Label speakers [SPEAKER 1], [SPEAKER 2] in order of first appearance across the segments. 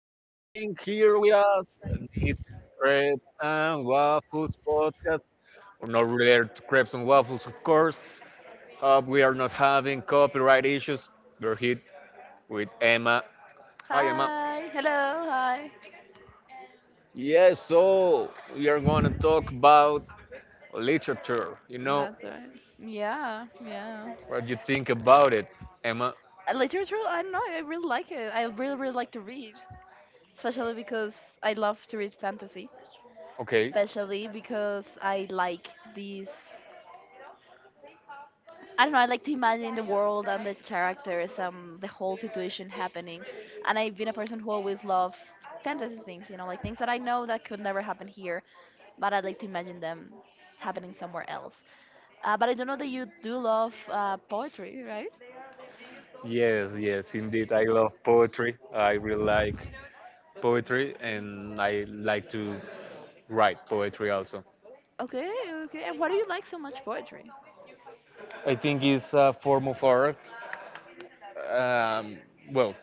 [SPEAKER 1] for being here with us. This Crepes and Waffles podcast, or not related to Crepes and Waffles, of course. Hope we are not having copyright issues. We're here with Emma. Hi, Emma.
[SPEAKER 2] Hi, hello, hi.
[SPEAKER 1] Yes, so we are going to talk about literature.
[SPEAKER 2] That's worries. Right. Yeah, yeah.
[SPEAKER 1] What you think about it, Emma?
[SPEAKER 2] Literature, I don't know, I really like it. I really, really like to read, especially because I love to read fantasy,
[SPEAKER 1] Okay.
[SPEAKER 2] especially because I like these. I don't know, I like to imagine the world and the characters and the whole situation happening. And I've been a person who always loved fantasy things, like things that I know that could never happen here, but I like to imagine them happening somewhere else. But I don't know that you do love poetry, right?
[SPEAKER 1] Yes, yes, indeed. I love poetry. I really like poetry and I like to write poetry also.
[SPEAKER 2] Okay, okay. And why do you like so much poetry?
[SPEAKER 1] I think it's a form of art. Um, well,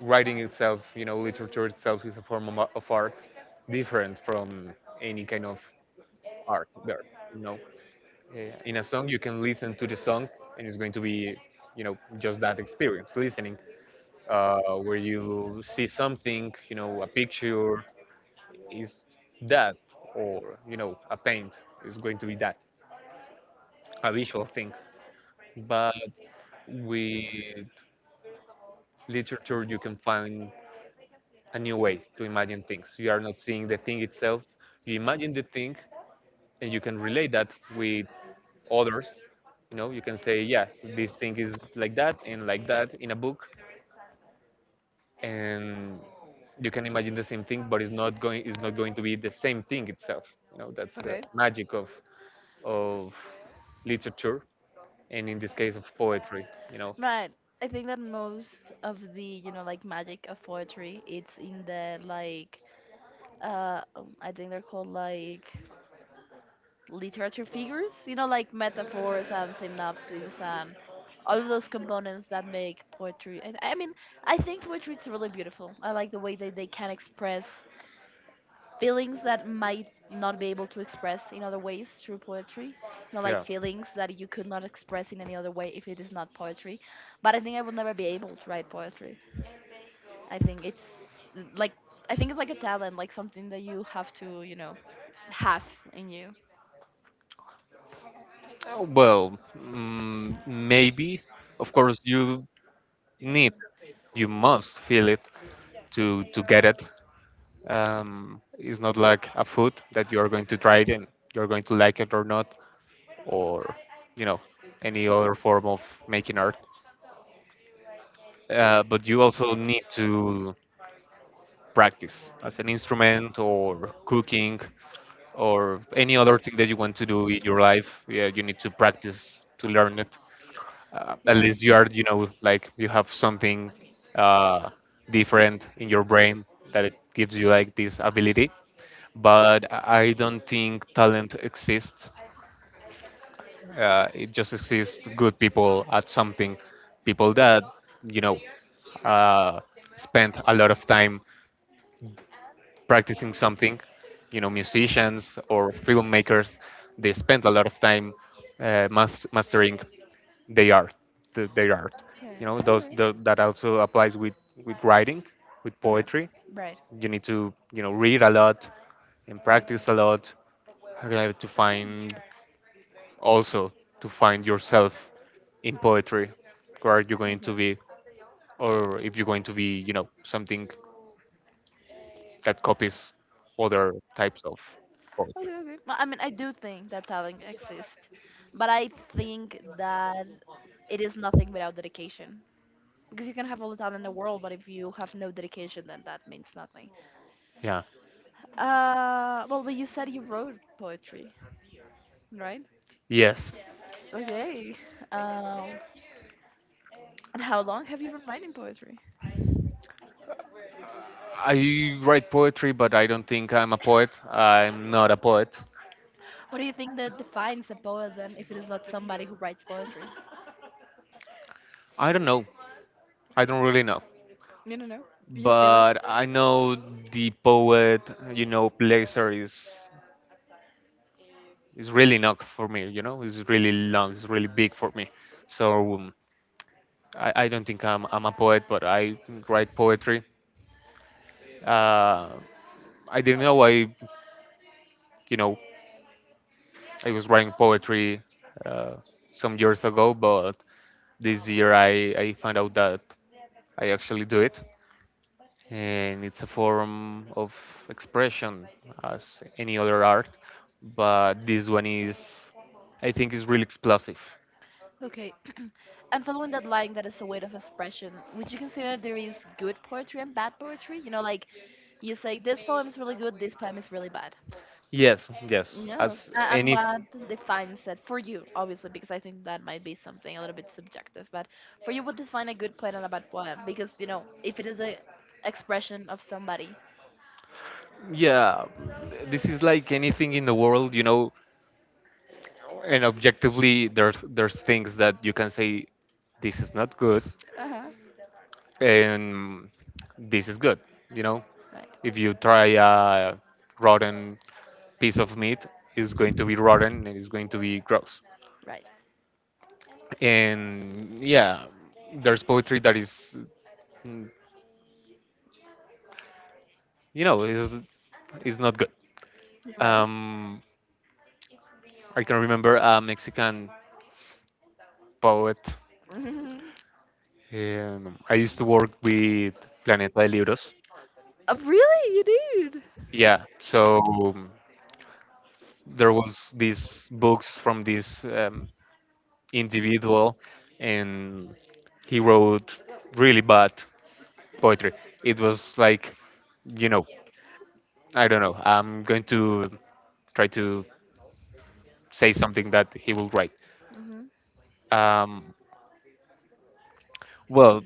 [SPEAKER 1] writing itself, literature itself is a form of art different from any kind of art there, you know. In a song, you can listen to the song and it's going to be, just that experience, listening, where you see something, a picture is that, or, a paint is going to be that, a visual thing, but with literature you can find a new way to imagine things. You are not seeing the thing itself, you imagine the thing, and you can relate that with others. You can say yes, this thing is like that, and like that in a book, and you can imagine the same thing, but it's not going to be the same thing itself, that's the
[SPEAKER 2] Okay.
[SPEAKER 1] magic of of literature, and in this case of poetry, you know
[SPEAKER 2] Right. I think that most of the, like magic of poetry, it's in the like, I think they're called like literature figures, like metaphors and synopses and all of those components that make poetry. And I mean, I think poetry is really beautiful. I like the way that they can express feelings that might not be able to express in other ways through poetry. You know, like
[SPEAKER 1] yeah.
[SPEAKER 2] feelings that you could not express in any other way if it is not poetry. But I think I will never be able to write poetry. I think it's like I think it's like a talent, like something that you have to, have in you.
[SPEAKER 1] Oh, well, maybe. Of course, you need, you must feel it to get it. It's not like a food that you are going to try it and you're going to like it or not, or you know, any other form of making art. But you also need to practice, as an instrument or cooking or any other thing that you want to do in your life. Yeah, you need to practice to learn it. At
[SPEAKER 2] Yeah.
[SPEAKER 1] least you are, like you have something uh, different in your brain that it gives you like this ability. But I don't think talent exists. It just exists good people at something, people that you know uh, spend a lot of time practicing something. You know, musicians or filmmakers, they spend a lot of time mastering their art, their art.
[SPEAKER 2] Okay. Okay.
[SPEAKER 1] That also applies with writing, with
[SPEAKER 2] Okay.
[SPEAKER 1] poetry.
[SPEAKER 2] Right.
[SPEAKER 1] You need to, read a lot and
[SPEAKER 2] Practice.
[SPEAKER 1] practice a lot to
[SPEAKER 2] Okay.
[SPEAKER 1] find also to find yourself in poetry. Where are you going to
[SPEAKER 2] Okay.
[SPEAKER 1] be, or if you're going to be, something that copies other types of
[SPEAKER 2] Okay, okay. Well, I mean, I do think that talent exists, but I think that it is nothing without dedication. Because you can have all the talent in the world, but if you have no dedication, then that means nothing.
[SPEAKER 1] yeah.
[SPEAKER 2] Well, but you said you wrote poetry, right?
[SPEAKER 1] Yes.
[SPEAKER 2] Okay. Um, and how long have you been writing poetry?
[SPEAKER 1] I write poetry, but I don't think I'm a poet. I'm not a poet.
[SPEAKER 2] What do you think that defines a poet then, if it is not somebody who writes poetry?
[SPEAKER 1] I don't know. I don't really know.
[SPEAKER 2] You don't know. You just feel it.
[SPEAKER 1] But I know the poet, Blazer is really long for me. You know, it's really long. It's really big for me. So I don't think I'm a poet, but I write poetry. Uh, I didn't know I, you know, I was writing poetry uh, some years ago, but this year I found out that I actually do it, and it's a form of expression as any other art, but this one is, I think, is really explosive.
[SPEAKER 2] Okay. And following that line that is a way of expression, would you consider there is good poetry and bad poetry? You know, like you say, this poem is really good, this poem is really bad.
[SPEAKER 1] Yes, yes,
[SPEAKER 2] Yes.
[SPEAKER 1] as
[SPEAKER 2] And
[SPEAKER 1] any.
[SPEAKER 2] what defines it for you, obviously, because I think that might be something a little bit subjective, but for you, what defines a good poem and a bad poem? Because, if it is a expression of somebody.
[SPEAKER 1] Yeah, this is like anything in the world, and objectively there's things that you can say this is not good
[SPEAKER 2] Uh huh.
[SPEAKER 1] and this is good. You know,
[SPEAKER 2] Right,
[SPEAKER 1] if you try a rotten piece of meat, it's going to be rotten and it's going to be gross.
[SPEAKER 2] right.
[SPEAKER 1] And yeah, there's poetry that is, mm, you know, is is not good.
[SPEAKER 2] You're right.
[SPEAKER 1] Um, I can remember a Mexican poet. I used to work with Planeta de Libros.
[SPEAKER 2] Oh, really? You did?
[SPEAKER 1] Yeah, so um, there was these books from this. Individual and he wrote really bad poetry. It was like, you know, I don't know. I'm going to try to say something that he will write.
[SPEAKER 2] Hmm.
[SPEAKER 1] Um, well,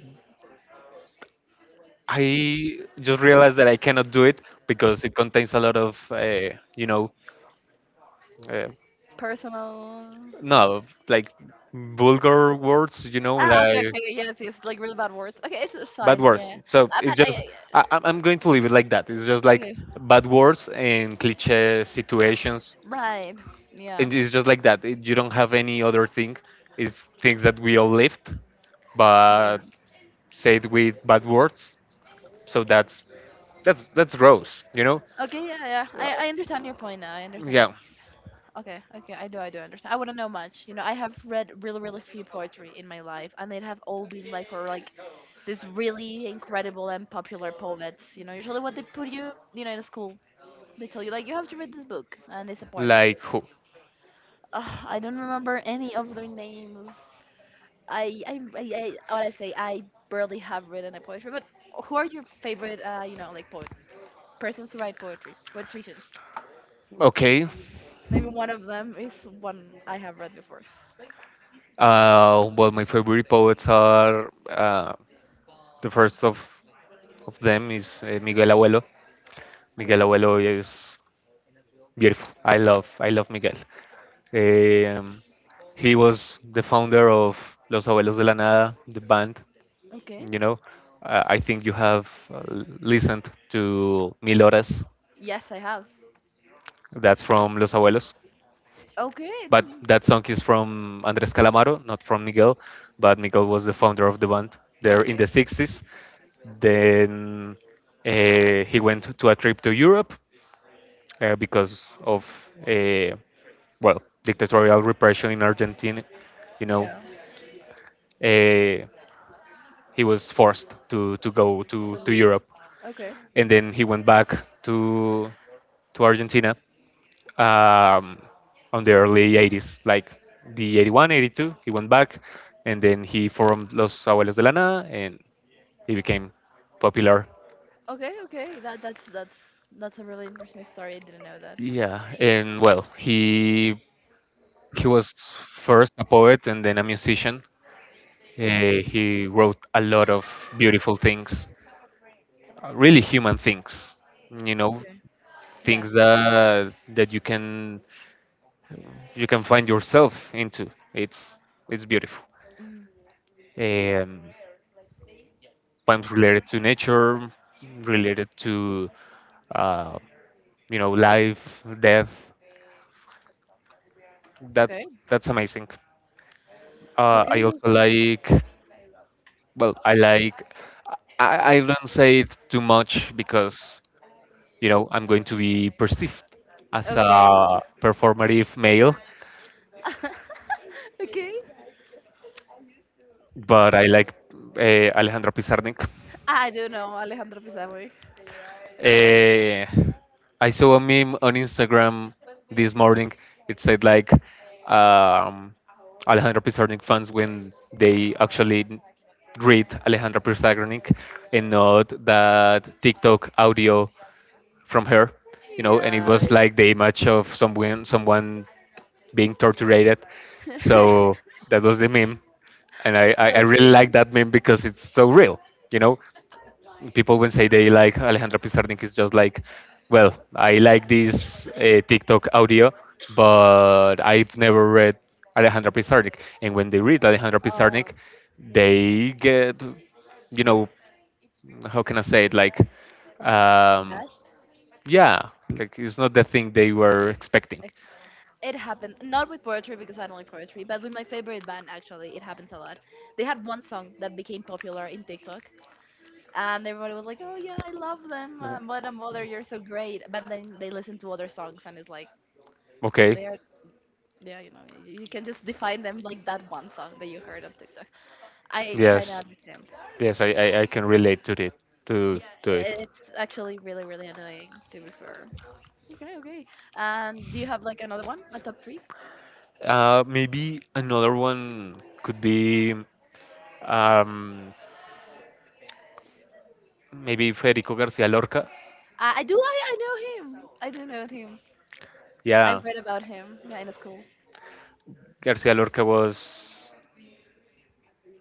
[SPEAKER 1] I just realized that I cannot do it because it contains a lot of, uh,
[SPEAKER 2] Personal.
[SPEAKER 1] no, like vulgar words,
[SPEAKER 2] Ah, okay,
[SPEAKER 1] like
[SPEAKER 2] okay, okay, yes, yes, like really bad words. Okay, it's
[SPEAKER 1] bad
[SPEAKER 2] fine.
[SPEAKER 1] words.
[SPEAKER 2] Yeah,
[SPEAKER 1] So
[SPEAKER 2] I
[SPEAKER 1] it's
[SPEAKER 2] bet
[SPEAKER 1] just, I, I'm going to leave it like that. It's just like
[SPEAKER 2] Okay,
[SPEAKER 1] bad words and cliche situations.
[SPEAKER 2] right. Yeah.
[SPEAKER 1] It is just like that. It- you don't have any other thing. It's things that we all lived, but
[SPEAKER 2] Yeah.
[SPEAKER 1] said with bad words. So that's that's gross,
[SPEAKER 2] Okay, yeah, yeah.
[SPEAKER 1] Uh,
[SPEAKER 2] I understand your point now. I understand your
[SPEAKER 1] yeah,
[SPEAKER 2] point. Okay, okay, I do understand. I wouldn't know much. You know, I have read really, really few poetry in my life, and they'd have all been like for like these really incredible and popular poets. You know, usually what they put you, you know, in a school, they tell you like you have to read this book, and it's a poetry
[SPEAKER 1] like
[SPEAKER 2] book.
[SPEAKER 1] who?
[SPEAKER 2] Ugh, I don't remember any of their names. I, I, I, I what I say, I barely have written a poetry. But who are your favorite, like poet persons who write poetry, poeticians?
[SPEAKER 1] Okay.
[SPEAKER 2] Maybe one of them is one I have read before.
[SPEAKER 1] My favorite poets are, the first of them is, Miguel Abuelo. Miguel
[SPEAKER 2] Okay,
[SPEAKER 1] Abuelo is beautiful. I love Miguel. Um, he was the founder of Los Abuelos de la Nada, the band.
[SPEAKER 2] okay.
[SPEAKER 1] You know, I think you have listened to Mil Horas.
[SPEAKER 2] Yes, I have.
[SPEAKER 1] That's from Los Abuelos.
[SPEAKER 2] Okay,
[SPEAKER 1] But that song is from Andres Calamaro, not from Miguel. But Miguel was the founder of the band there in
[SPEAKER 2] okay.
[SPEAKER 1] the 60s. Then, he went to a trip to Europe, uh, because of, uh, well, dictatorial repression in Argentina. You know,
[SPEAKER 2] Yeah,
[SPEAKER 1] uh, he was forced to go
[SPEAKER 2] to
[SPEAKER 1] to
[SPEAKER 2] leave.
[SPEAKER 1] Europe,
[SPEAKER 2] Okay,
[SPEAKER 1] and then he went back to to Argentina, um, on the early 80s, like the 81, 82. He went back, and then he formed Los Abuelos de la Nada, and he became popular.
[SPEAKER 2] okay, okay. That's a really interesting story. I didn't know that.
[SPEAKER 1] Yeah, and well, he was first a poet and then a musician. He wrote a lot of beautiful things, really human things, you know,
[SPEAKER 2] Okay. Yeah.
[SPEAKER 1] things that you can, you can find yourself into. It's beautiful.
[SPEAKER 2] Mm.
[SPEAKER 1] Um, poems related to nature, related to, uh, life, death.
[SPEAKER 2] Okay.
[SPEAKER 1] That's amazing.
[SPEAKER 2] Okay.
[SPEAKER 1] I also
[SPEAKER 2] Okay.
[SPEAKER 1] like, well, I don't say it too much because I'm going to be perceived as
[SPEAKER 2] Okay.
[SPEAKER 1] a performative male,
[SPEAKER 2] Okay. Okay.
[SPEAKER 1] but I like, Alejandra Pizarnik.
[SPEAKER 2] I do know Alejandro Pizarro.
[SPEAKER 1] Eh, I saw a meme on Instagram this morning. It said like, um, Alejandro Pizarnik fans when they actually read Alejandro Pizarnik and not that TikTok audio from her, And it
[SPEAKER 2] Yeah.
[SPEAKER 1] was like the image of someone being tortured. So that was the meme, and I really
[SPEAKER 2] Okay.
[SPEAKER 1] like that meme because it's so real, you know people when say they like Alejandra Pizarnik is just like, well, I like this, TikTok audio, but I've never read Alejandra Pizarnik. And when they read Alejandra Pizarnik,
[SPEAKER 2] Uh,
[SPEAKER 1] they get, you know, how can I say it? Um,
[SPEAKER 2] Bad.
[SPEAKER 1] yeah, like it's not the thing they were expecting.
[SPEAKER 2] Like, it happened not with poetry because I don't like poetry, but with my favorite band actually. It happens a lot. They had one song that became popular in TikTok, and everybody was like, "Oh yeah, I love them. What a mother, you're so great." But then they listen to other songs, and it's like
[SPEAKER 1] Okay.
[SPEAKER 2] they are. Yeah, you can just define them like that one song that you heard on TikTok. I kind of
[SPEAKER 1] Yes.
[SPEAKER 2] understand.
[SPEAKER 1] Yes, I can relate to it. To it.
[SPEAKER 2] It's actually really, really annoying, to be fair. Okay, okay. And do you have like another one, a top three?
[SPEAKER 1] Maybe another one could be, um, maybe Federico Garcia Lorca.
[SPEAKER 2] I do. I know him. I do know him. I
[SPEAKER 1] Yeah,
[SPEAKER 2] read about him. Yeah, in school.
[SPEAKER 1] Garcia Lorca was,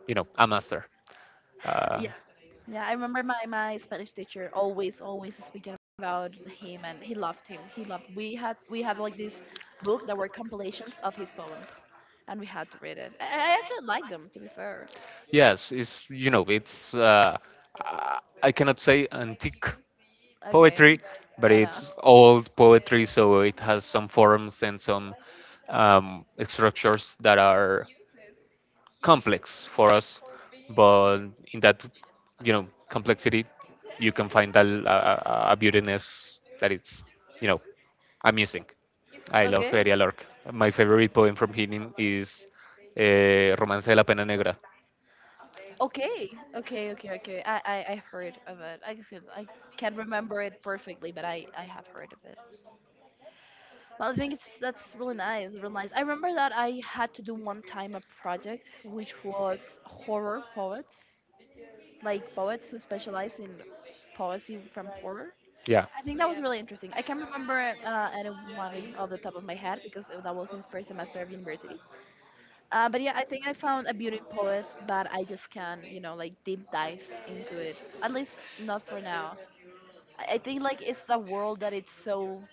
[SPEAKER 1] a master. Uh,
[SPEAKER 2] Yeah, yeah. I remember my Spanish teacher always speaking about him, and he loved him. He loved. We have like this book that were compilations of his poems, and we had to read it. I actually like them, to be fair.
[SPEAKER 1] yes, it's, I cannot say antique
[SPEAKER 2] Okay.
[SPEAKER 1] poetry, but
[SPEAKER 2] Yeah, no.
[SPEAKER 1] it's old poetry, so it has some forms and some, structures that are complex for us. But in that, complexity, you can find a beautiness that it's, you know, amusing. I love
[SPEAKER 2] Okay.
[SPEAKER 1] Eddie Lorca. My favorite poem from him is, Romance de la Pena Negra.
[SPEAKER 2] Okay, okay, okay, okay. I've heard of it. I guess I can't remember it perfectly, but I have heard of it. Well, I think it's that's really nice, really nice. I remember that I had to do one time a project which was horror poets, like poets who specialize in poesy from horror.
[SPEAKER 1] Yeah.
[SPEAKER 2] I think that was really interesting. I can't remember anyone off the top of my head because that was in first semester of university, but yeah, I think I found a beauty poet, but I just can't, like deep dive into it. At least not for now. I think like it's the world that it's so.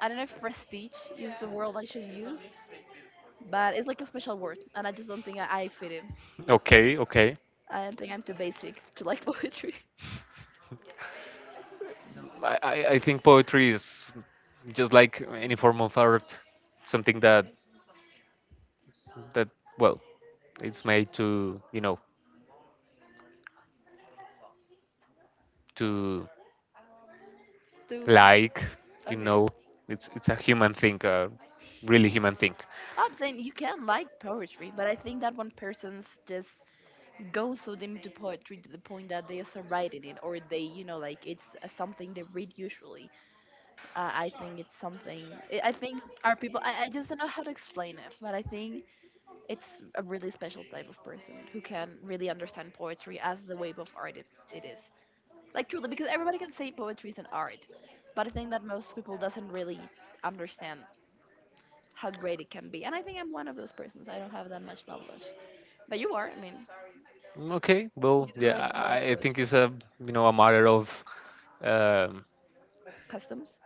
[SPEAKER 2] I don't know if prestige is the word I should use, but it's like a special word, and I just don't think I fit it.
[SPEAKER 1] Okay, okay.
[SPEAKER 2] I don't think I'm too basic to like poetry.
[SPEAKER 1] I think poetry is just like any form of art, something that that well, it's made to, to
[SPEAKER 2] Too
[SPEAKER 1] like, you
[SPEAKER 2] okay.
[SPEAKER 1] know, it's a human thing, a really human thing.
[SPEAKER 2] Oh, I'm saying you can like poetry, but I think that when persons just go so deep into poetry to the point that they are so writing it, or they, like it's something they read usually, I think it's something. I think our people. I just don't know how to explain it, but I think it's a really special type of person who can really understand poetry as the wave of art it is. Like truly, because everybody can say poetry is an art, but I think that most people doesn't really understand how great it can be. And I think I'm one of those persons. I don't have that much knowledge, but you are. I mean,
[SPEAKER 1] Okay, well,
[SPEAKER 2] you do
[SPEAKER 1] yeah,
[SPEAKER 2] like a lot of
[SPEAKER 1] I think
[SPEAKER 2] poetry
[SPEAKER 1] it's a, a matter of, um,
[SPEAKER 2] customs,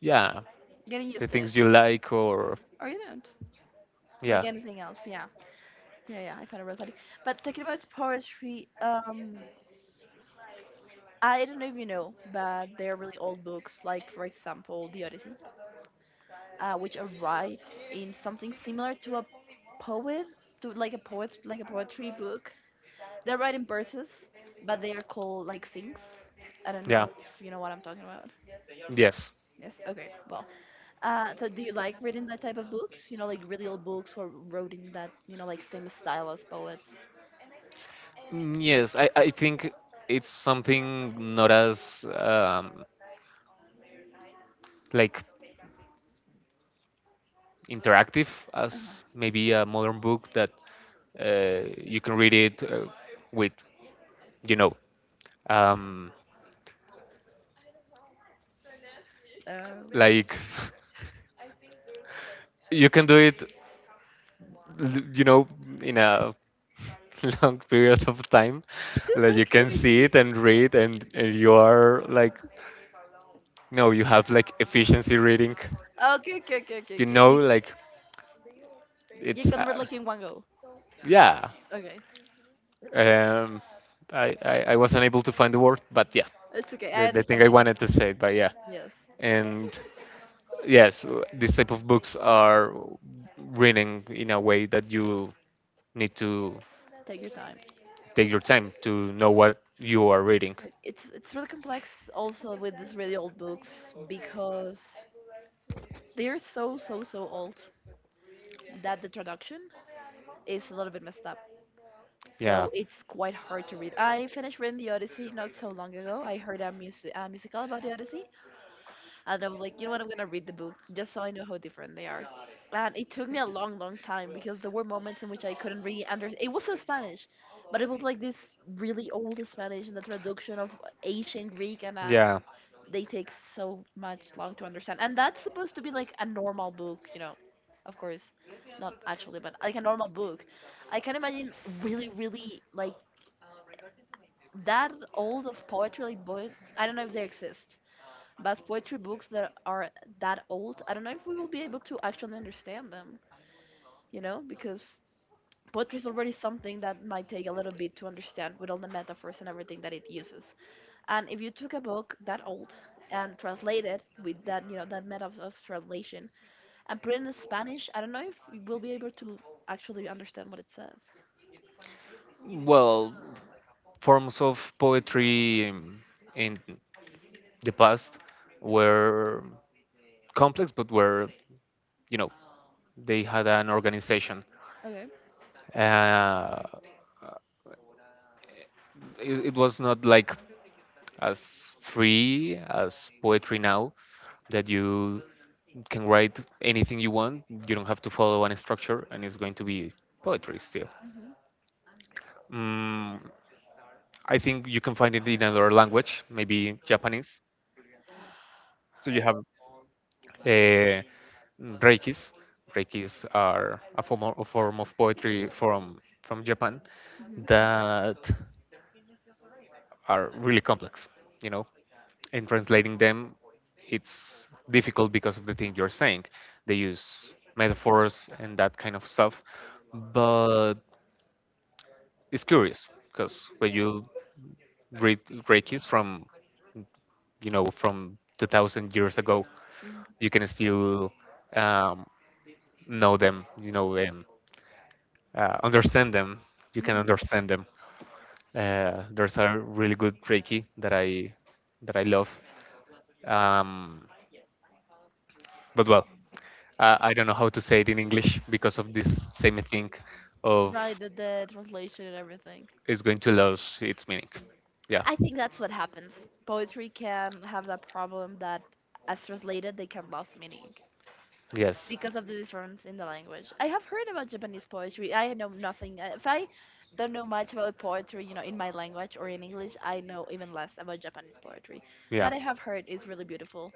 [SPEAKER 1] yeah,
[SPEAKER 2] getting
[SPEAKER 1] the
[SPEAKER 2] used to it,
[SPEAKER 1] things you like or
[SPEAKER 2] or you don't. Like
[SPEAKER 1] yeah
[SPEAKER 2] anything else, yeah. Yeah, yeah, I found it really funny. But talking about poetry, I don't know if you know, but they are really old books, like for example, The Odyssey, which are right in something similar to a poet, to like a poet, like a poetry book. They're right in verses, but they are called like things. I don't
[SPEAKER 1] yeah
[SPEAKER 2] know if you know what I'm talking about.
[SPEAKER 1] yes.
[SPEAKER 2] Yes. Okay. Well, so do you like reading that type of books? You know, like really old books who are wrote in that, like same style as poets.
[SPEAKER 1] I think it's something not as, like interactive as maybe a modern book that, you can read it, with you know um,
[SPEAKER 2] Uh-huh.
[SPEAKER 1] like you can do it, l- you know in a long period of time. Like you can
[SPEAKER 2] Okay,
[SPEAKER 1] see
[SPEAKER 2] okay.
[SPEAKER 1] it and read and you are like, no, you have like efficiency reading.
[SPEAKER 2] Okay, okay, okay, okay,
[SPEAKER 1] You
[SPEAKER 2] okay.
[SPEAKER 1] know,
[SPEAKER 2] You,
[SPEAKER 1] like it's,
[SPEAKER 2] you can read like in one go.
[SPEAKER 1] yeah.
[SPEAKER 2] Okay.
[SPEAKER 1] Um, I was unable to find the word, but yeah,
[SPEAKER 2] It's okay. I
[SPEAKER 1] the thing
[SPEAKER 2] understand.
[SPEAKER 1] I
[SPEAKER 2] I understand.
[SPEAKER 1] wanted to say. But yeah,
[SPEAKER 2] Yes.
[SPEAKER 1] and yes, these type of books are reading in a way that you need to
[SPEAKER 2] Take your time.
[SPEAKER 1] take your time to know what you are reading.
[SPEAKER 2] Right, it's really complex also with these really old books because they're so so so old that the traduction is a little bit messed up.
[SPEAKER 1] Yeah.
[SPEAKER 2] So it's quite hard to read. I finished reading the Odyssey not so long ago. I heard a musical about the Odyssey, and I was like, you know what? I'm gonna read the book just so I know how different they are. And it took me a long, long time because there were moments in which I couldn't really understand. It was in Spanish, but it was like this really old Spanish and the traduction of ancient Greek, and
[SPEAKER 1] Yeah.
[SPEAKER 2] they take so much long to understand. And that's supposed to be like a normal book, you know. Of course, not actually, but like a normal book. I can imagine really, really like that old of poetry, like boy. I don't know if they exist but poetry books that are that old, I don't know if we will be able to actually understand them, because poetry is already something that might take a little bit to understand with all the metaphors and everything that it uses. And if you took a book that old and translate it with that, that method of translation and put it in Spanish, I don't know if we will be able to actually understand what it says.
[SPEAKER 1] Well, forms of poetry, in the past were complex, but were, you know, they had an organization.
[SPEAKER 2] Okay.
[SPEAKER 1] Uh, it was not like as free as poetry now that you can write anything you want. You don't have to follow any structure, and it's going to be poetry still.
[SPEAKER 2] Mhm.
[SPEAKER 1] Mm, I think you can find it in another language, maybe Japanese. So you have, uh, reikis. Reikis are a form of poetry from Japan
[SPEAKER 2] Mhm.
[SPEAKER 1] that are really complex. You know, in translating them, it's difficult because of the thing you're saying. They use metaphors and that kind of stuff, but it's curious because when you read reikis from, from 2000 years ago,
[SPEAKER 2] Mhm.
[SPEAKER 1] you can still, um, know them, you know, and understand them. You can
[SPEAKER 2] Mhm.
[SPEAKER 1] understand them. There's a really good Reiki that I love. Um, but well, I don't know how to say it in English because of this same thing of
[SPEAKER 2] Right, the translation and everything.
[SPEAKER 1] it's going to lose its meaning. Yeah.
[SPEAKER 2] I think that's what happens. Poetry can have that problem that, as translated, they can lose meaning
[SPEAKER 1] Yes.
[SPEAKER 2] because of the difference in the language. I have heard about Japanese poetry. I know nothing. If I don't know much about poetry, in my language or in English, I know even less about Japanese poetry.
[SPEAKER 1] Yeah.
[SPEAKER 2] But I have heard it's really beautiful.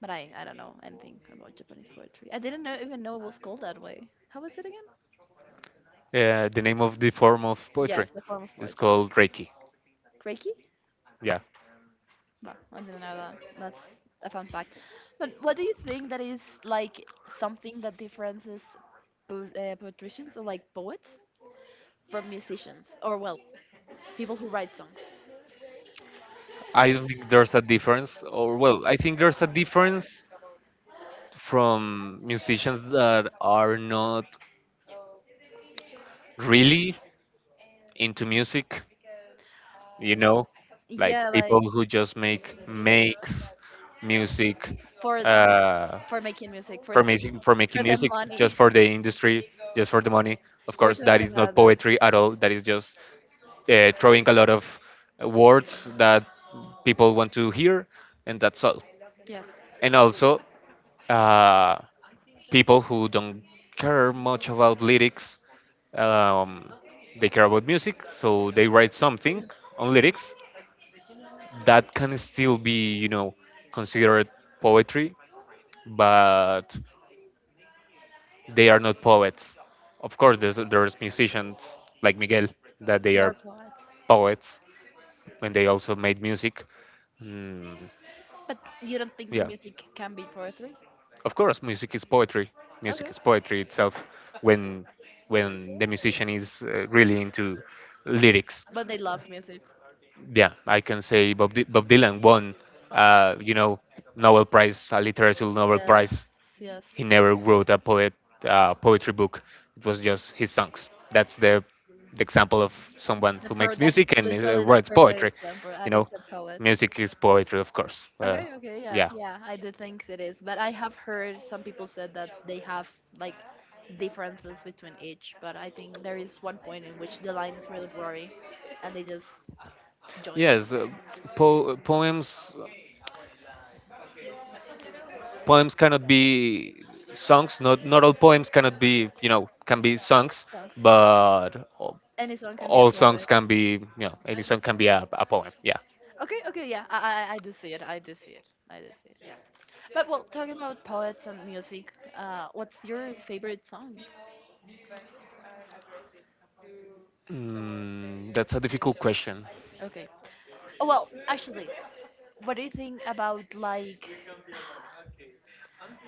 [SPEAKER 2] But I don't know anything about Japanese poetry. I didn't even know it was called that way. How was it again?
[SPEAKER 1] The name of the form of
[SPEAKER 2] Yes,
[SPEAKER 1] poetry
[SPEAKER 2] the form of
[SPEAKER 1] is
[SPEAKER 2] poetry.
[SPEAKER 1] called Reiki.
[SPEAKER 2] Reiki?
[SPEAKER 1] Yeah.
[SPEAKER 2] Well, I didn't know that. That's a fun fact. But what do you think that is like something that differences patricians or like poets from musicians or well, people who write songs?
[SPEAKER 1] I don't think there's a difference, or well, I think there's a difference from musicians that are not really into music, you know, like
[SPEAKER 2] Yeah, like
[SPEAKER 1] people who just make makes music
[SPEAKER 2] for
[SPEAKER 1] uh,
[SPEAKER 2] for making music
[SPEAKER 1] for making
[SPEAKER 2] for the
[SPEAKER 1] music, just
[SPEAKER 2] money.
[SPEAKER 1] for the industry, just for the money. Of
[SPEAKER 2] We're
[SPEAKER 1] course that
[SPEAKER 2] talking
[SPEAKER 1] is not
[SPEAKER 2] about that.
[SPEAKER 1] poetry at all, that is just throwing a lot of words that people want to hear, and that's all.
[SPEAKER 2] Yes.
[SPEAKER 1] And also uh, people who don't care much about lyrics, um, they care about music, so they write something on lyrics that can still be, you know, considered poetry, but they are not poets. Of course, there's musicians like Miguel that they
[SPEAKER 2] War
[SPEAKER 1] are
[SPEAKER 2] poets.
[SPEAKER 1] poets when they also made music. Mm,
[SPEAKER 2] But you don't think
[SPEAKER 1] yeah,
[SPEAKER 2] music can be poetry?
[SPEAKER 1] of course, music is poetry. Music
[SPEAKER 2] Okay,
[SPEAKER 1] is poetry itself when when the musician is really into lyrics.
[SPEAKER 2] but they love music.
[SPEAKER 1] Yeah, I can say Bob Dylan won, uh, you know, Nobel Prize, a literature Nobel
[SPEAKER 2] Yes,
[SPEAKER 1] Prize.
[SPEAKER 2] yes.
[SPEAKER 1] He never wrote a poet, poetry book. It was just his songs. That's the example of someone
[SPEAKER 2] The
[SPEAKER 1] who
[SPEAKER 2] per
[SPEAKER 1] makes
[SPEAKER 2] that's
[SPEAKER 1] music and
[SPEAKER 2] literally the
[SPEAKER 1] writes
[SPEAKER 2] perfect
[SPEAKER 1] poetry.
[SPEAKER 2] example,
[SPEAKER 1] You
[SPEAKER 2] and
[SPEAKER 1] know,
[SPEAKER 2] it's a poet.
[SPEAKER 1] music is poetry, of course.
[SPEAKER 2] Okay, okay, yeah,
[SPEAKER 1] Yeah.
[SPEAKER 2] yeah, I do think it is, but I have heard some people said that they have like differences between each, but I think there is one point in which the line is really blurry and they just join
[SPEAKER 1] Yes, uh, poems. Poems cannot be songs. Not all poems cannot be you know can be songs,
[SPEAKER 2] songs.
[SPEAKER 1] but
[SPEAKER 2] Any song can be a
[SPEAKER 1] all songs
[SPEAKER 2] poet.
[SPEAKER 1] can be you know any song can be a poem. Yeah,
[SPEAKER 2] Okay, okay, yeah, I do see it, I do see it, I do see it. But well, talking about poets and music, what's your favorite song?
[SPEAKER 1] that's a difficult question.
[SPEAKER 2] Okay. Oh, well, actually, what do you think about like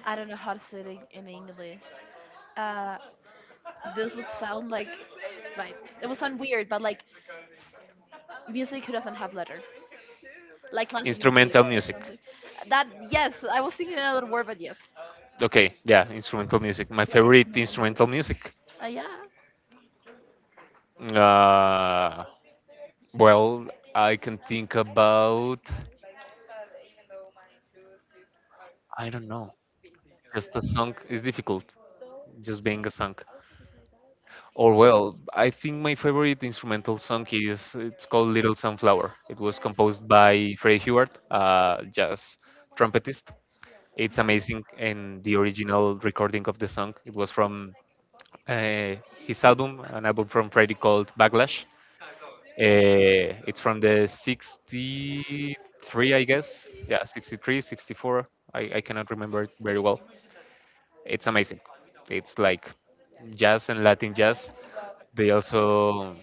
[SPEAKER 2] I don't know how to say it in English. Uh, this would sound like, right? It would sound weird, but like music who doesn't have letter, like classic music,
[SPEAKER 1] Instrumental
[SPEAKER 2] instrumental. For
[SPEAKER 1] music.
[SPEAKER 2] example. That yes, I was thinking another word, but yes,
[SPEAKER 1] Okay, yeah, instrumental music. My
[SPEAKER 2] yeah,
[SPEAKER 1] favorite
[SPEAKER 2] instrumental music.
[SPEAKER 1] instrumental music.
[SPEAKER 2] Yeah.
[SPEAKER 1] Uh, well, I can think about, I don't know. Just a song is difficult. Just being a song. Or well, I think my favorite instrumental song is it's called Little Sunflower. It was composed by Freddie Hubbard, jazz trumpetist. It's
[SPEAKER 2] I,
[SPEAKER 1] amazing, and the original recording of the song, it was from uh, his album, an album from Freddie called Backlash. It's from the 63, I guess. Yeah, 63, 64. I cannot remember it very well. It's amazing. It's like jazz and Latin jazz. They also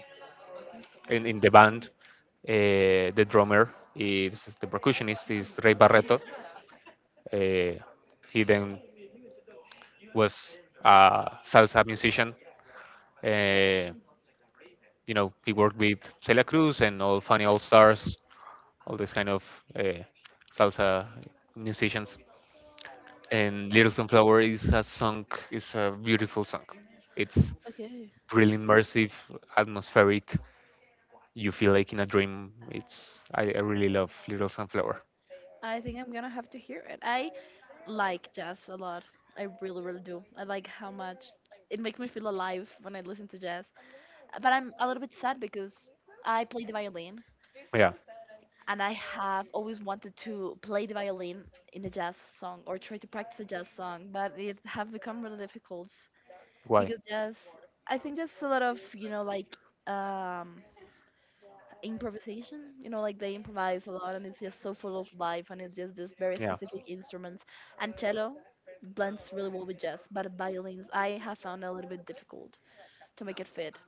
[SPEAKER 1] in the band. The drummer is the percussionist is Ray Barreto. Uh, he then was a salsa musician. Uh, you know, he worked with Celia Cruz and all Funny All Stars, all this kind of uh, salsa musicians. And Little Sunflower is a beautiful song. It's
[SPEAKER 2] okay.
[SPEAKER 1] really immersive, atmospheric. You feel like in a dream. It's, I really love Little Sunflower.
[SPEAKER 2] I think I'm gonna have to hear it. I like jazz a lot. I really, really do. I like how much it makes me feel alive when I listen to jazz. But I'm a little bit sad because I play the violin
[SPEAKER 1] Yeah.
[SPEAKER 2] and I have always wanted to play the violin in a jazz song or try to practice a jazz song, but it have become really difficult
[SPEAKER 1] Why?
[SPEAKER 2] because jazz, I think just a lot of um, improvisation. You know, like they improvise a lot, and it's just so full of life, and it's just this very
[SPEAKER 1] Yeah.
[SPEAKER 2] specific instruments. And cello blends really well with jazz, but violins I have found a little bit difficult to make it fit.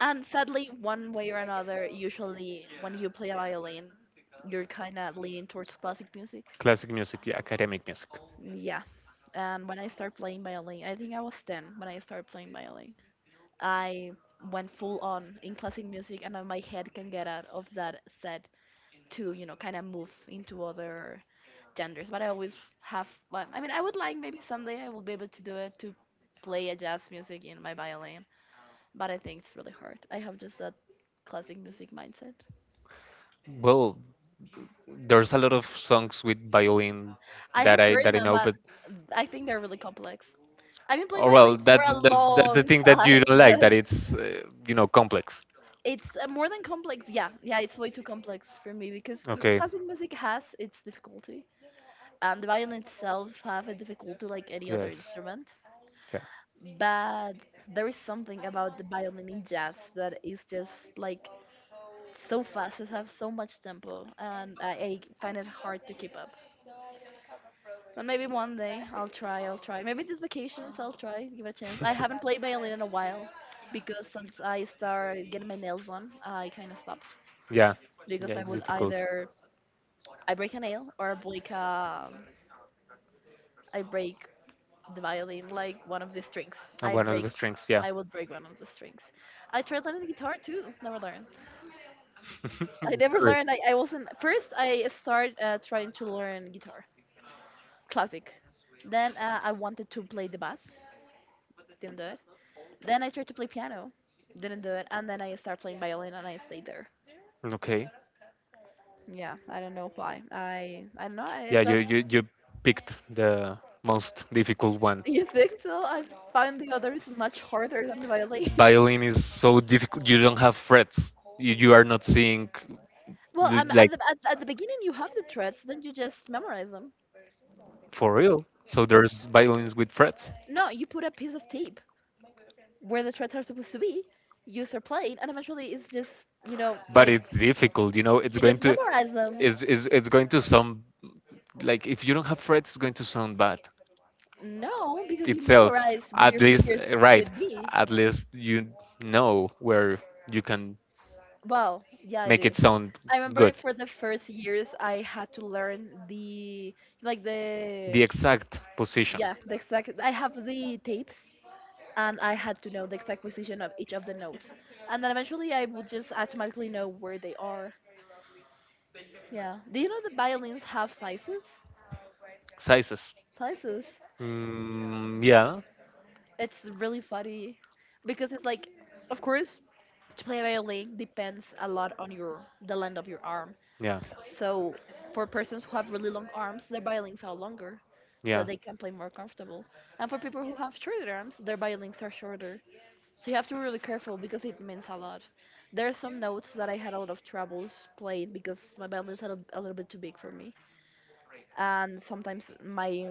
[SPEAKER 2] And sadly, one way or another, usually when you play a violin, you're kind of leaning towards classic music.
[SPEAKER 1] Classic music, yeah, academic music.
[SPEAKER 2] Yeah, and when I started playing violin, I think I was 10 when I started playing violin. I went full on in classic music, and then my head can get out of that set to, you know, kind of move into other genders. But I always have, well, I mean, I would like maybe someday I will be able to do it to play a jazz music in my violin, but I think it's really hard. I have just that classic music mindset.
[SPEAKER 1] Well, there's a lot of songs with violin
[SPEAKER 2] I
[SPEAKER 1] that
[SPEAKER 2] have
[SPEAKER 1] I
[SPEAKER 2] heard
[SPEAKER 1] that I
[SPEAKER 2] them,
[SPEAKER 1] know,
[SPEAKER 2] but
[SPEAKER 1] but
[SPEAKER 2] I think they're really complex. I've been playing
[SPEAKER 1] oh well,
[SPEAKER 2] Violins for
[SPEAKER 1] that's
[SPEAKER 2] a
[SPEAKER 1] that's that's the
[SPEAKER 2] long
[SPEAKER 1] thing that you
[SPEAKER 2] time,
[SPEAKER 1] don't like,
[SPEAKER 2] but
[SPEAKER 1] that it's you know, complex.
[SPEAKER 2] it's more than complex. Yeah, yeah, it's way too complex for me because
[SPEAKER 1] Okay.
[SPEAKER 2] classic music has its difficulty, and the violin itself have a difficulty like any other
[SPEAKER 1] Yes.
[SPEAKER 2] instrument.
[SPEAKER 1] Yeah.
[SPEAKER 2] But there is something about the violin in jazz that is just like so fast. It has so much tempo, and I find it hard to keep up. But maybe one day I'll try. I'll try. Maybe this vacations I'll try. Give it a chance. I haven't played violin in a while because since I started getting my nails done, I kind of stopped
[SPEAKER 1] Yeah,
[SPEAKER 2] because I would either I break a nail or I break the violin like one of the strings. I
[SPEAKER 1] one of
[SPEAKER 2] break.
[SPEAKER 1] the strings,
[SPEAKER 2] I would break one of the strings. I tried learning the guitar too. Never learned.
[SPEAKER 1] I
[SPEAKER 2] I
[SPEAKER 1] would
[SPEAKER 2] never
[SPEAKER 1] Very.
[SPEAKER 2] learned. I wasn't first. I started trying to learn guitar, classic. Then I wanted to play the bass. Didn't do it. Then I tried to play piano, didn't do it, and then I started playing violin and I stayed there.
[SPEAKER 1] Okay.
[SPEAKER 2] Yeah, I don't know why. I don't know. I thought
[SPEAKER 1] Picked the most difficult one.
[SPEAKER 2] you think so. I found the others much harder than the violin.
[SPEAKER 1] Violin is so difficult. You don't have frets. You are not seeing.
[SPEAKER 2] Well, at the at the beginning you have the threads, then you just memorize them.
[SPEAKER 1] For real. So there's violins with frets.
[SPEAKER 2] No, you put a piece of tape where the threads are supposed to be. You start playing, and eventually it's just you know
[SPEAKER 1] But
[SPEAKER 2] like
[SPEAKER 1] it's difficult, you know, it's
[SPEAKER 2] you
[SPEAKER 1] going
[SPEAKER 2] just
[SPEAKER 1] to,
[SPEAKER 2] memorize them.
[SPEAKER 1] is it's going to sound, like if you don't have frets it's going to sound bad
[SPEAKER 2] No, because you
[SPEAKER 1] itself.
[SPEAKER 2] memorize where
[SPEAKER 1] At
[SPEAKER 2] your
[SPEAKER 1] least
[SPEAKER 2] fingers
[SPEAKER 1] right.
[SPEAKER 2] should be.
[SPEAKER 1] At least you know where you can
[SPEAKER 2] Well, yeah, I
[SPEAKER 1] make
[SPEAKER 2] do.
[SPEAKER 1] it sound
[SPEAKER 2] I remember
[SPEAKER 1] good.
[SPEAKER 2] for the first years I had to learn the like
[SPEAKER 1] The
[SPEAKER 2] the
[SPEAKER 1] exact position.
[SPEAKER 2] yeah the exact I have the tapes and I had to know the exact position of each of the notes and then eventually I would just automatically know where they are. Yeah. Do you know the violins have sizes?
[SPEAKER 1] Sizes.
[SPEAKER 2] Sizes.
[SPEAKER 1] Mm, yeah,
[SPEAKER 2] It's really funny because it's like of course to play a violin depends a lot on your the length of your arm.
[SPEAKER 1] yeah,
[SPEAKER 2] So for persons who have really long arms, their violins are longer, so
[SPEAKER 1] yeah.
[SPEAKER 2] they can play more comfortable. And for people who have shorter arms, their violins are shorter. So you have to be really careful because it means a lot. There are some notes that I had a lot of troubles playing because my violins are a little bit too big for me, and sometimes my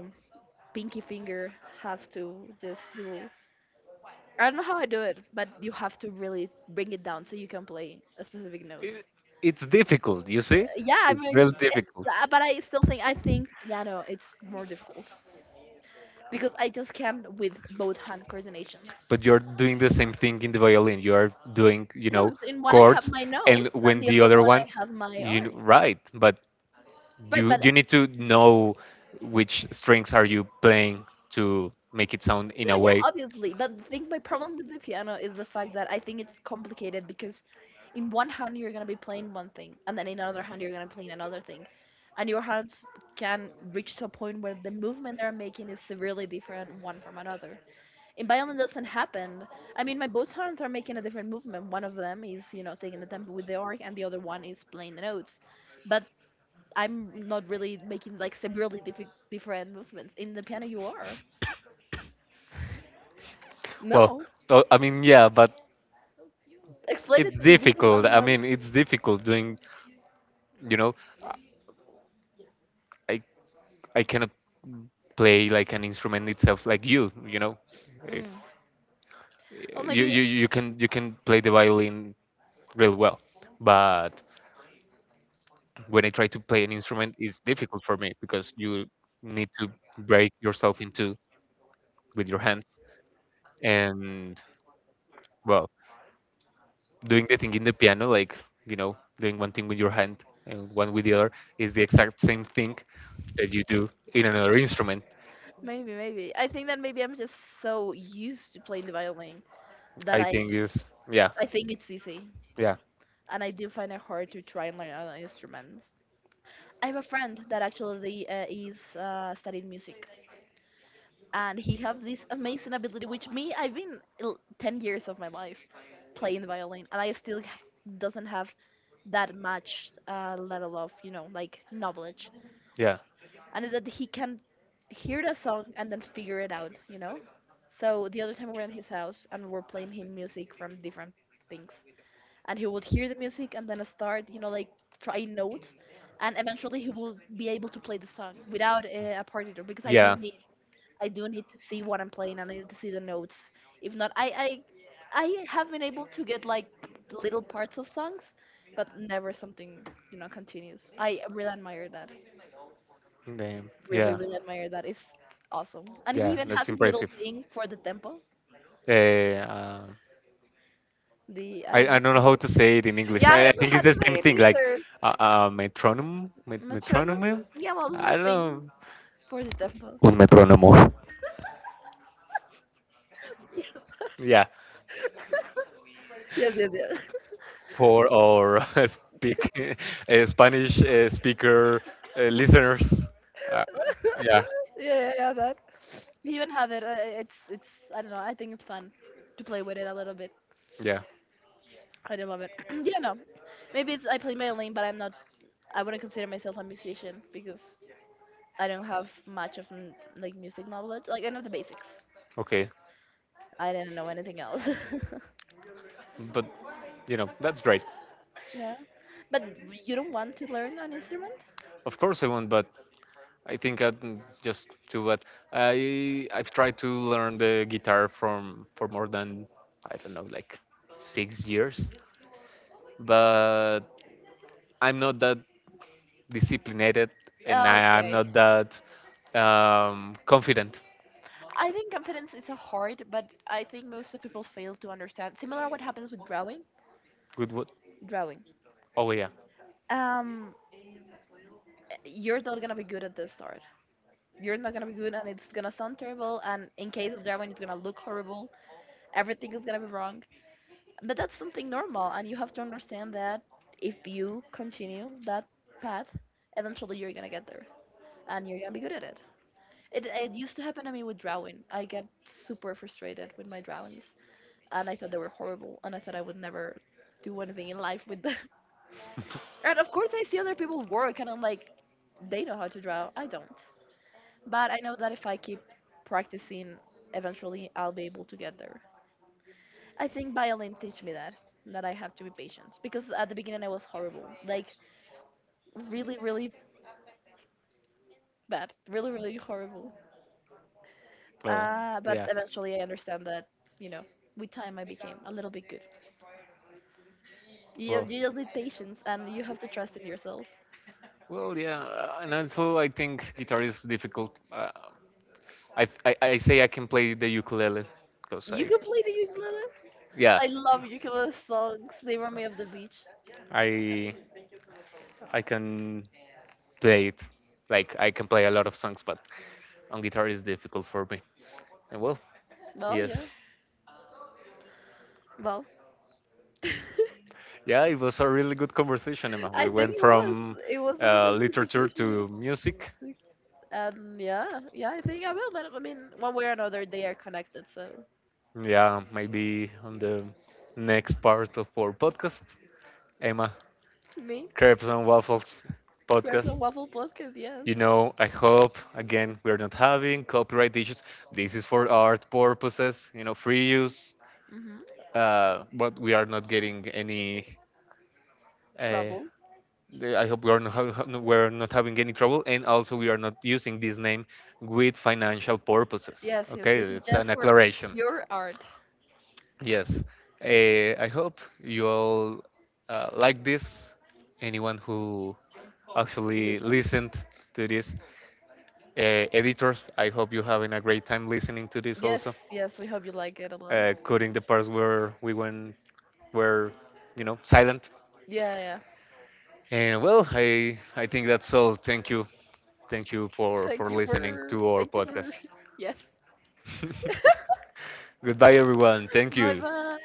[SPEAKER 2] pinky finger has to just do. I don't know how I do it, but you have to really bring it down so you can play a specific
[SPEAKER 1] i-
[SPEAKER 2] notes.
[SPEAKER 1] it's difficult, you see,
[SPEAKER 2] Yeah, I
[SPEAKER 1] it's
[SPEAKER 2] mean
[SPEAKER 1] really
[SPEAKER 2] it's
[SPEAKER 1] difficult,
[SPEAKER 2] but I still think I think yeah no it's more difficult because I just can't with both hand coordination.
[SPEAKER 1] but you're doing the same thing in the violin, you are doing, you
[SPEAKER 2] No,
[SPEAKER 1] know,
[SPEAKER 2] because in one I have
[SPEAKER 1] chords.
[SPEAKER 2] my
[SPEAKER 1] And
[SPEAKER 2] notes and
[SPEAKER 1] when
[SPEAKER 2] the
[SPEAKER 1] the
[SPEAKER 2] other
[SPEAKER 1] other
[SPEAKER 2] one
[SPEAKER 1] one,
[SPEAKER 2] I have my arc.
[SPEAKER 1] right, but
[SPEAKER 2] Right,
[SPEAKER 1] you
[SPEAKER 2] but
[SPEAKER 1] you need to know which strings are you playing to make it sound in
[SPEAKER 2] no
[SPEAKER 1] a
[SPEAKER 2] yeah
[SPEAKER 1] way.
[SPEAKER 2] obviously but I think my problem with the piano is the fact that I think it's complicated because in one hand you're gonna be playing one thing and then in another hand you're gonna be playing another thing and your hands can reach to a point where the movement they're making is severely different one from another. In Biolin doesn't happen. I mean, my both hands are making a different movement. One of them is, you know, taking the tempo with the orc, and the other one is playing the notes. But I'm not really making like severely different movements. In the piano, you are.
[SPEAKER 1] well
[SPEAKER 2] No.
[SPEAKER 1] tho- I mean, yeah, but
[SPEAKER 2] Explain it
[SPEAKER 1] it's
[SPEAKER 2] to me because
[SPEAKER 1] difficult,
[SPEAKER 2] I'm
[SPEAKER 1] I
[SPEAKER 2] not.
[SPEAKER 1] mean, it's difficult doing, you know, i I cannot play like an instrument itself, like you know, if
[SPEAKER 2] Mm. Well,
[SPEAKER 1] you, you can, you can play the violin real well. But when I try to play an instrument, it's difficult for me because you need to break yourself into, with your hands, and well, doing the thing in the piano, like, you know, doing one thing with your hand and one with the other, is the exact same thing that you do in another instrument.
[SPEAKER 2] maybe. I think that maybe I'm just so used to playing the violin that
[SPEAKER 1] i think is yeah,
[SPEAKER 2] I think it's easy,
[SPEAKER 1] yeah.
[SPEAKER 2] and I do find it hard to try and learn other instruments. I have a friend that actually is studying music and he has this amazing ability which me 10 years of my life playing the violin and I still doesn't have that much level of you know like knowledge,
[SPEAKER 1] Yeah.
[SPEAKER 2] and is that he can hear the song and then figure it out you know. So the other time we were in his house and we were playing him music from different things and he would hear the music and then start you know like try notes and eventually he will be able to play the song without a partitor because I do.
[SPEAKER 1] Yeah.
[SPEAKER 2] I do need to see what I'm playing and I need to see the notes. If not, I have been able to get like little parts of songs, but never something you know continuous. I really admire that.
[SPEAKER 1] Damn.
[SPEAKER 2] Really,
[SPEAKER 1] Yeah.
[SPEAKER 2] really admire that. It's awesome. And he
[SPEAKER 1] Yeah.
[SPEAKER 2] even have
[SPEAKER 1] That's
[SPEAKER 2] his little
[SPEAKER 1] impressive.
[SPEAKER 2] thing for the tempo.
[SPEAKER 1] Uh, uh,
[SPEAKER 2] The I don't know
[SPEAKER 1] I don't
[SPEAKER 2] how
[SPEAKER 1] know
[SPEAKER 2] it
[SPEAKER 1] how
[SPEAKER 2] is.
[SPEAKER 1] to say it in English.
[SPEAKER 2] Yeah, I
[SPEAKER 1] I
[SPEAKER 2] don't know
[SPEAKER 1] think
[SPEAKER 2] how
[SPEAKER 1] it's
[SPEAKER 2] to
[SPEAKER 1] the same
[SPEAKER 2] say it
[SPEAKER 1] thing, like
[SPEAKER 2] either. Metronome.
[SPEAKER 1] metronome.
[SPEAKER 2] Yeah, well,
[SPEAKER 1] I
[SPEAKER 2] little
[SPEAKER 1] don't
[SPEAKER 2] thing
[SPEAKER 1] know.
[SPEAKER 2] for the tempo.
[SPEAKER 1] Un metrónomo. Yeah.
[SPEAKER 2] Yes, yes, yes.
[SPEAKER 1] For our speak, Spanish speaker, listeners. Uh, yeah,
[SPEAKER 2] Yeah. Yeah, yeah, yeah, that. We even have it. It's. I don't know. I think it's fun to play with it a little bit.
[SPEAKER 1] yeah.
[SPEAKER 2] I do love it. Yeah, no. Maybe it's I play violin, but I'm not. I wouldn't consider myself a musician because I don't have much of like music knowledge. Like I know the basics.
[SPEAKER 1] Okay,
[SPEAKER 2] I didn't know anything else.
[SPEAKER 1] but you know that's great.
[SPEAKER 2] Yeah. But you don't want to learn an instrument?
[SPEAKER 1] Of course I won't, but I think I just too bad. I I've tried to learn the guitar from for more than, I don't know, like 6 years, but I'm not that disciplined, and I'm
[SPEAKER 2] Okay.
[SPEAKER 1] not that confident.
[SPEAKER 2] I think confidence is a hard, but I think most of people fail to understand. Similar what happens with drawing.
[SPEAKER 1] Good.
[SPEAKER 2] Drawing.
[SPEAKER 1] Oh yeah.
[SPEAKER 2] Um, you're not gonna be good at this start. You're not gonna be good, and it's gonna sound terrible. And in case of Darwin, it's gonna look horrible. Everything is gonna be wrong. But that's something normal, and you have to understand that if you continue that path, eventually you're gonna get there, and you're gonna be good at it. It used to happen to me with drawing. I get super frustrated with my drawings, and I thought they were horrible, and I thought I would never do anything in life with them. And of course, I see other people work, and I'm like, they know how to draw. I don't. But I know that if I keep practicing, eventually I'll be able to get there. I think violin teach me that that I have to be patient because at the beginning I was horrible, like really, really bad, really, really horrible.
[SPEAKER 1] Well,
[SPEAKER 2] But
[SPEAKER 1] yeah.
[SPEAKER 2] eventually I understand that you know with time I became a little bit good. You
[SPEAKER 1] Well.
[SPEAKER 2] you just need patience and you have to trust in yourself.
[SPEAKER 1] Well, yeah, and also I think guitar is difficult. I say I can play the ukulele because
[SPEAKER 2] You
[SPEAKER 1] I
[SPEAKER 2] can play the ukulele.
[SPEAKER 1] yeah
[SPEAKER 2] I love ukulele songs. They remind me of the beach.
[SPEAKER 1] I I can play it, like I can play a lot of songs, but on guitar is difficult for me, and well,
[SPEAKER 2] Well, yeah.
[SPEAKER 1] yes,
[SPEAKER 2] Well.
[SPEAKER 1] yeah, it was a really good conversation, Emma.
[SPEAKER 2] I
[SPEAKER 1] We
[SPEAKER 2] think
[SPEAKER 1] went
[SPEAKER 2] it was.
[SPEAKER 1] from
[SPEAKER 2] It was a really good
[SPEAKER 1] literature
[SPEAKER 2] conversation.
[SPEAKER 1] to music.
[SPEAKER 2] And yeah, yeah, I think I will. But I mean, one way or another, they are connected. So
[SPEAKER 1] Yeah, maybe on the next part of our podcast, Emma,
[SPEAKER 2] me,
[SPEAKER 1] crepes and waffles
[SPEAKER 2] crepes
[SPEAKER 1] podcast.
[SPEAKER 2] and waffle podcast. Yes.
[SPEAKER 1] You know, I hope again we are not having copyright issues. This is for art purposes, you know, free use.
[SPEAKER 2] Mhm.
[SPEAKER 1] But we are not getting any. Uh,
[SPEAKER 2] Troubles.
[SPEAKER 1] I hope we are not ha- no- we're not having any trouble, and also we are not using this name with financial purposes.
[SPEAKER 2] Yes, yes.
[SPEAKER 1] Okay,
[SPEAKER 2] This is
[SPEAKER 1] it's
[SPEAKER 2] just
[SPEAKER 1] an
[SPEAKER 2] for
[SPEAKER 1] acceleration.
[SPEAKER 2] your art,
[SPEAKER 1] Yes, I hope you all like this. Anyone who actually
[SPEAKER 2] listeners.
[SPEAKER 1] listened to this, editors, I hope you're having a great time listening to this
[SPEAKER 2] Yes,
[SPEAKER 1] also,
[SPEAKER 2] yes. We hope you like it a lot.
[SPEAKER 1] cutting the parts where we were, you know, silent.
[SPEAKER 2] Yeah, yeah.
[SPEAKER 1] And well, I think that's all. Thank you, for listening to our
[SPEAKER 2] Thank you
[SPEAKER 1] podcast.
[SPEAKER 2] for. Yes.
[SPEAKER 1] Goodbye, everyone. Thank
[SPEAKER 2] Bye
[SPEAKER 1] you.
[SPEAKER 2] bye.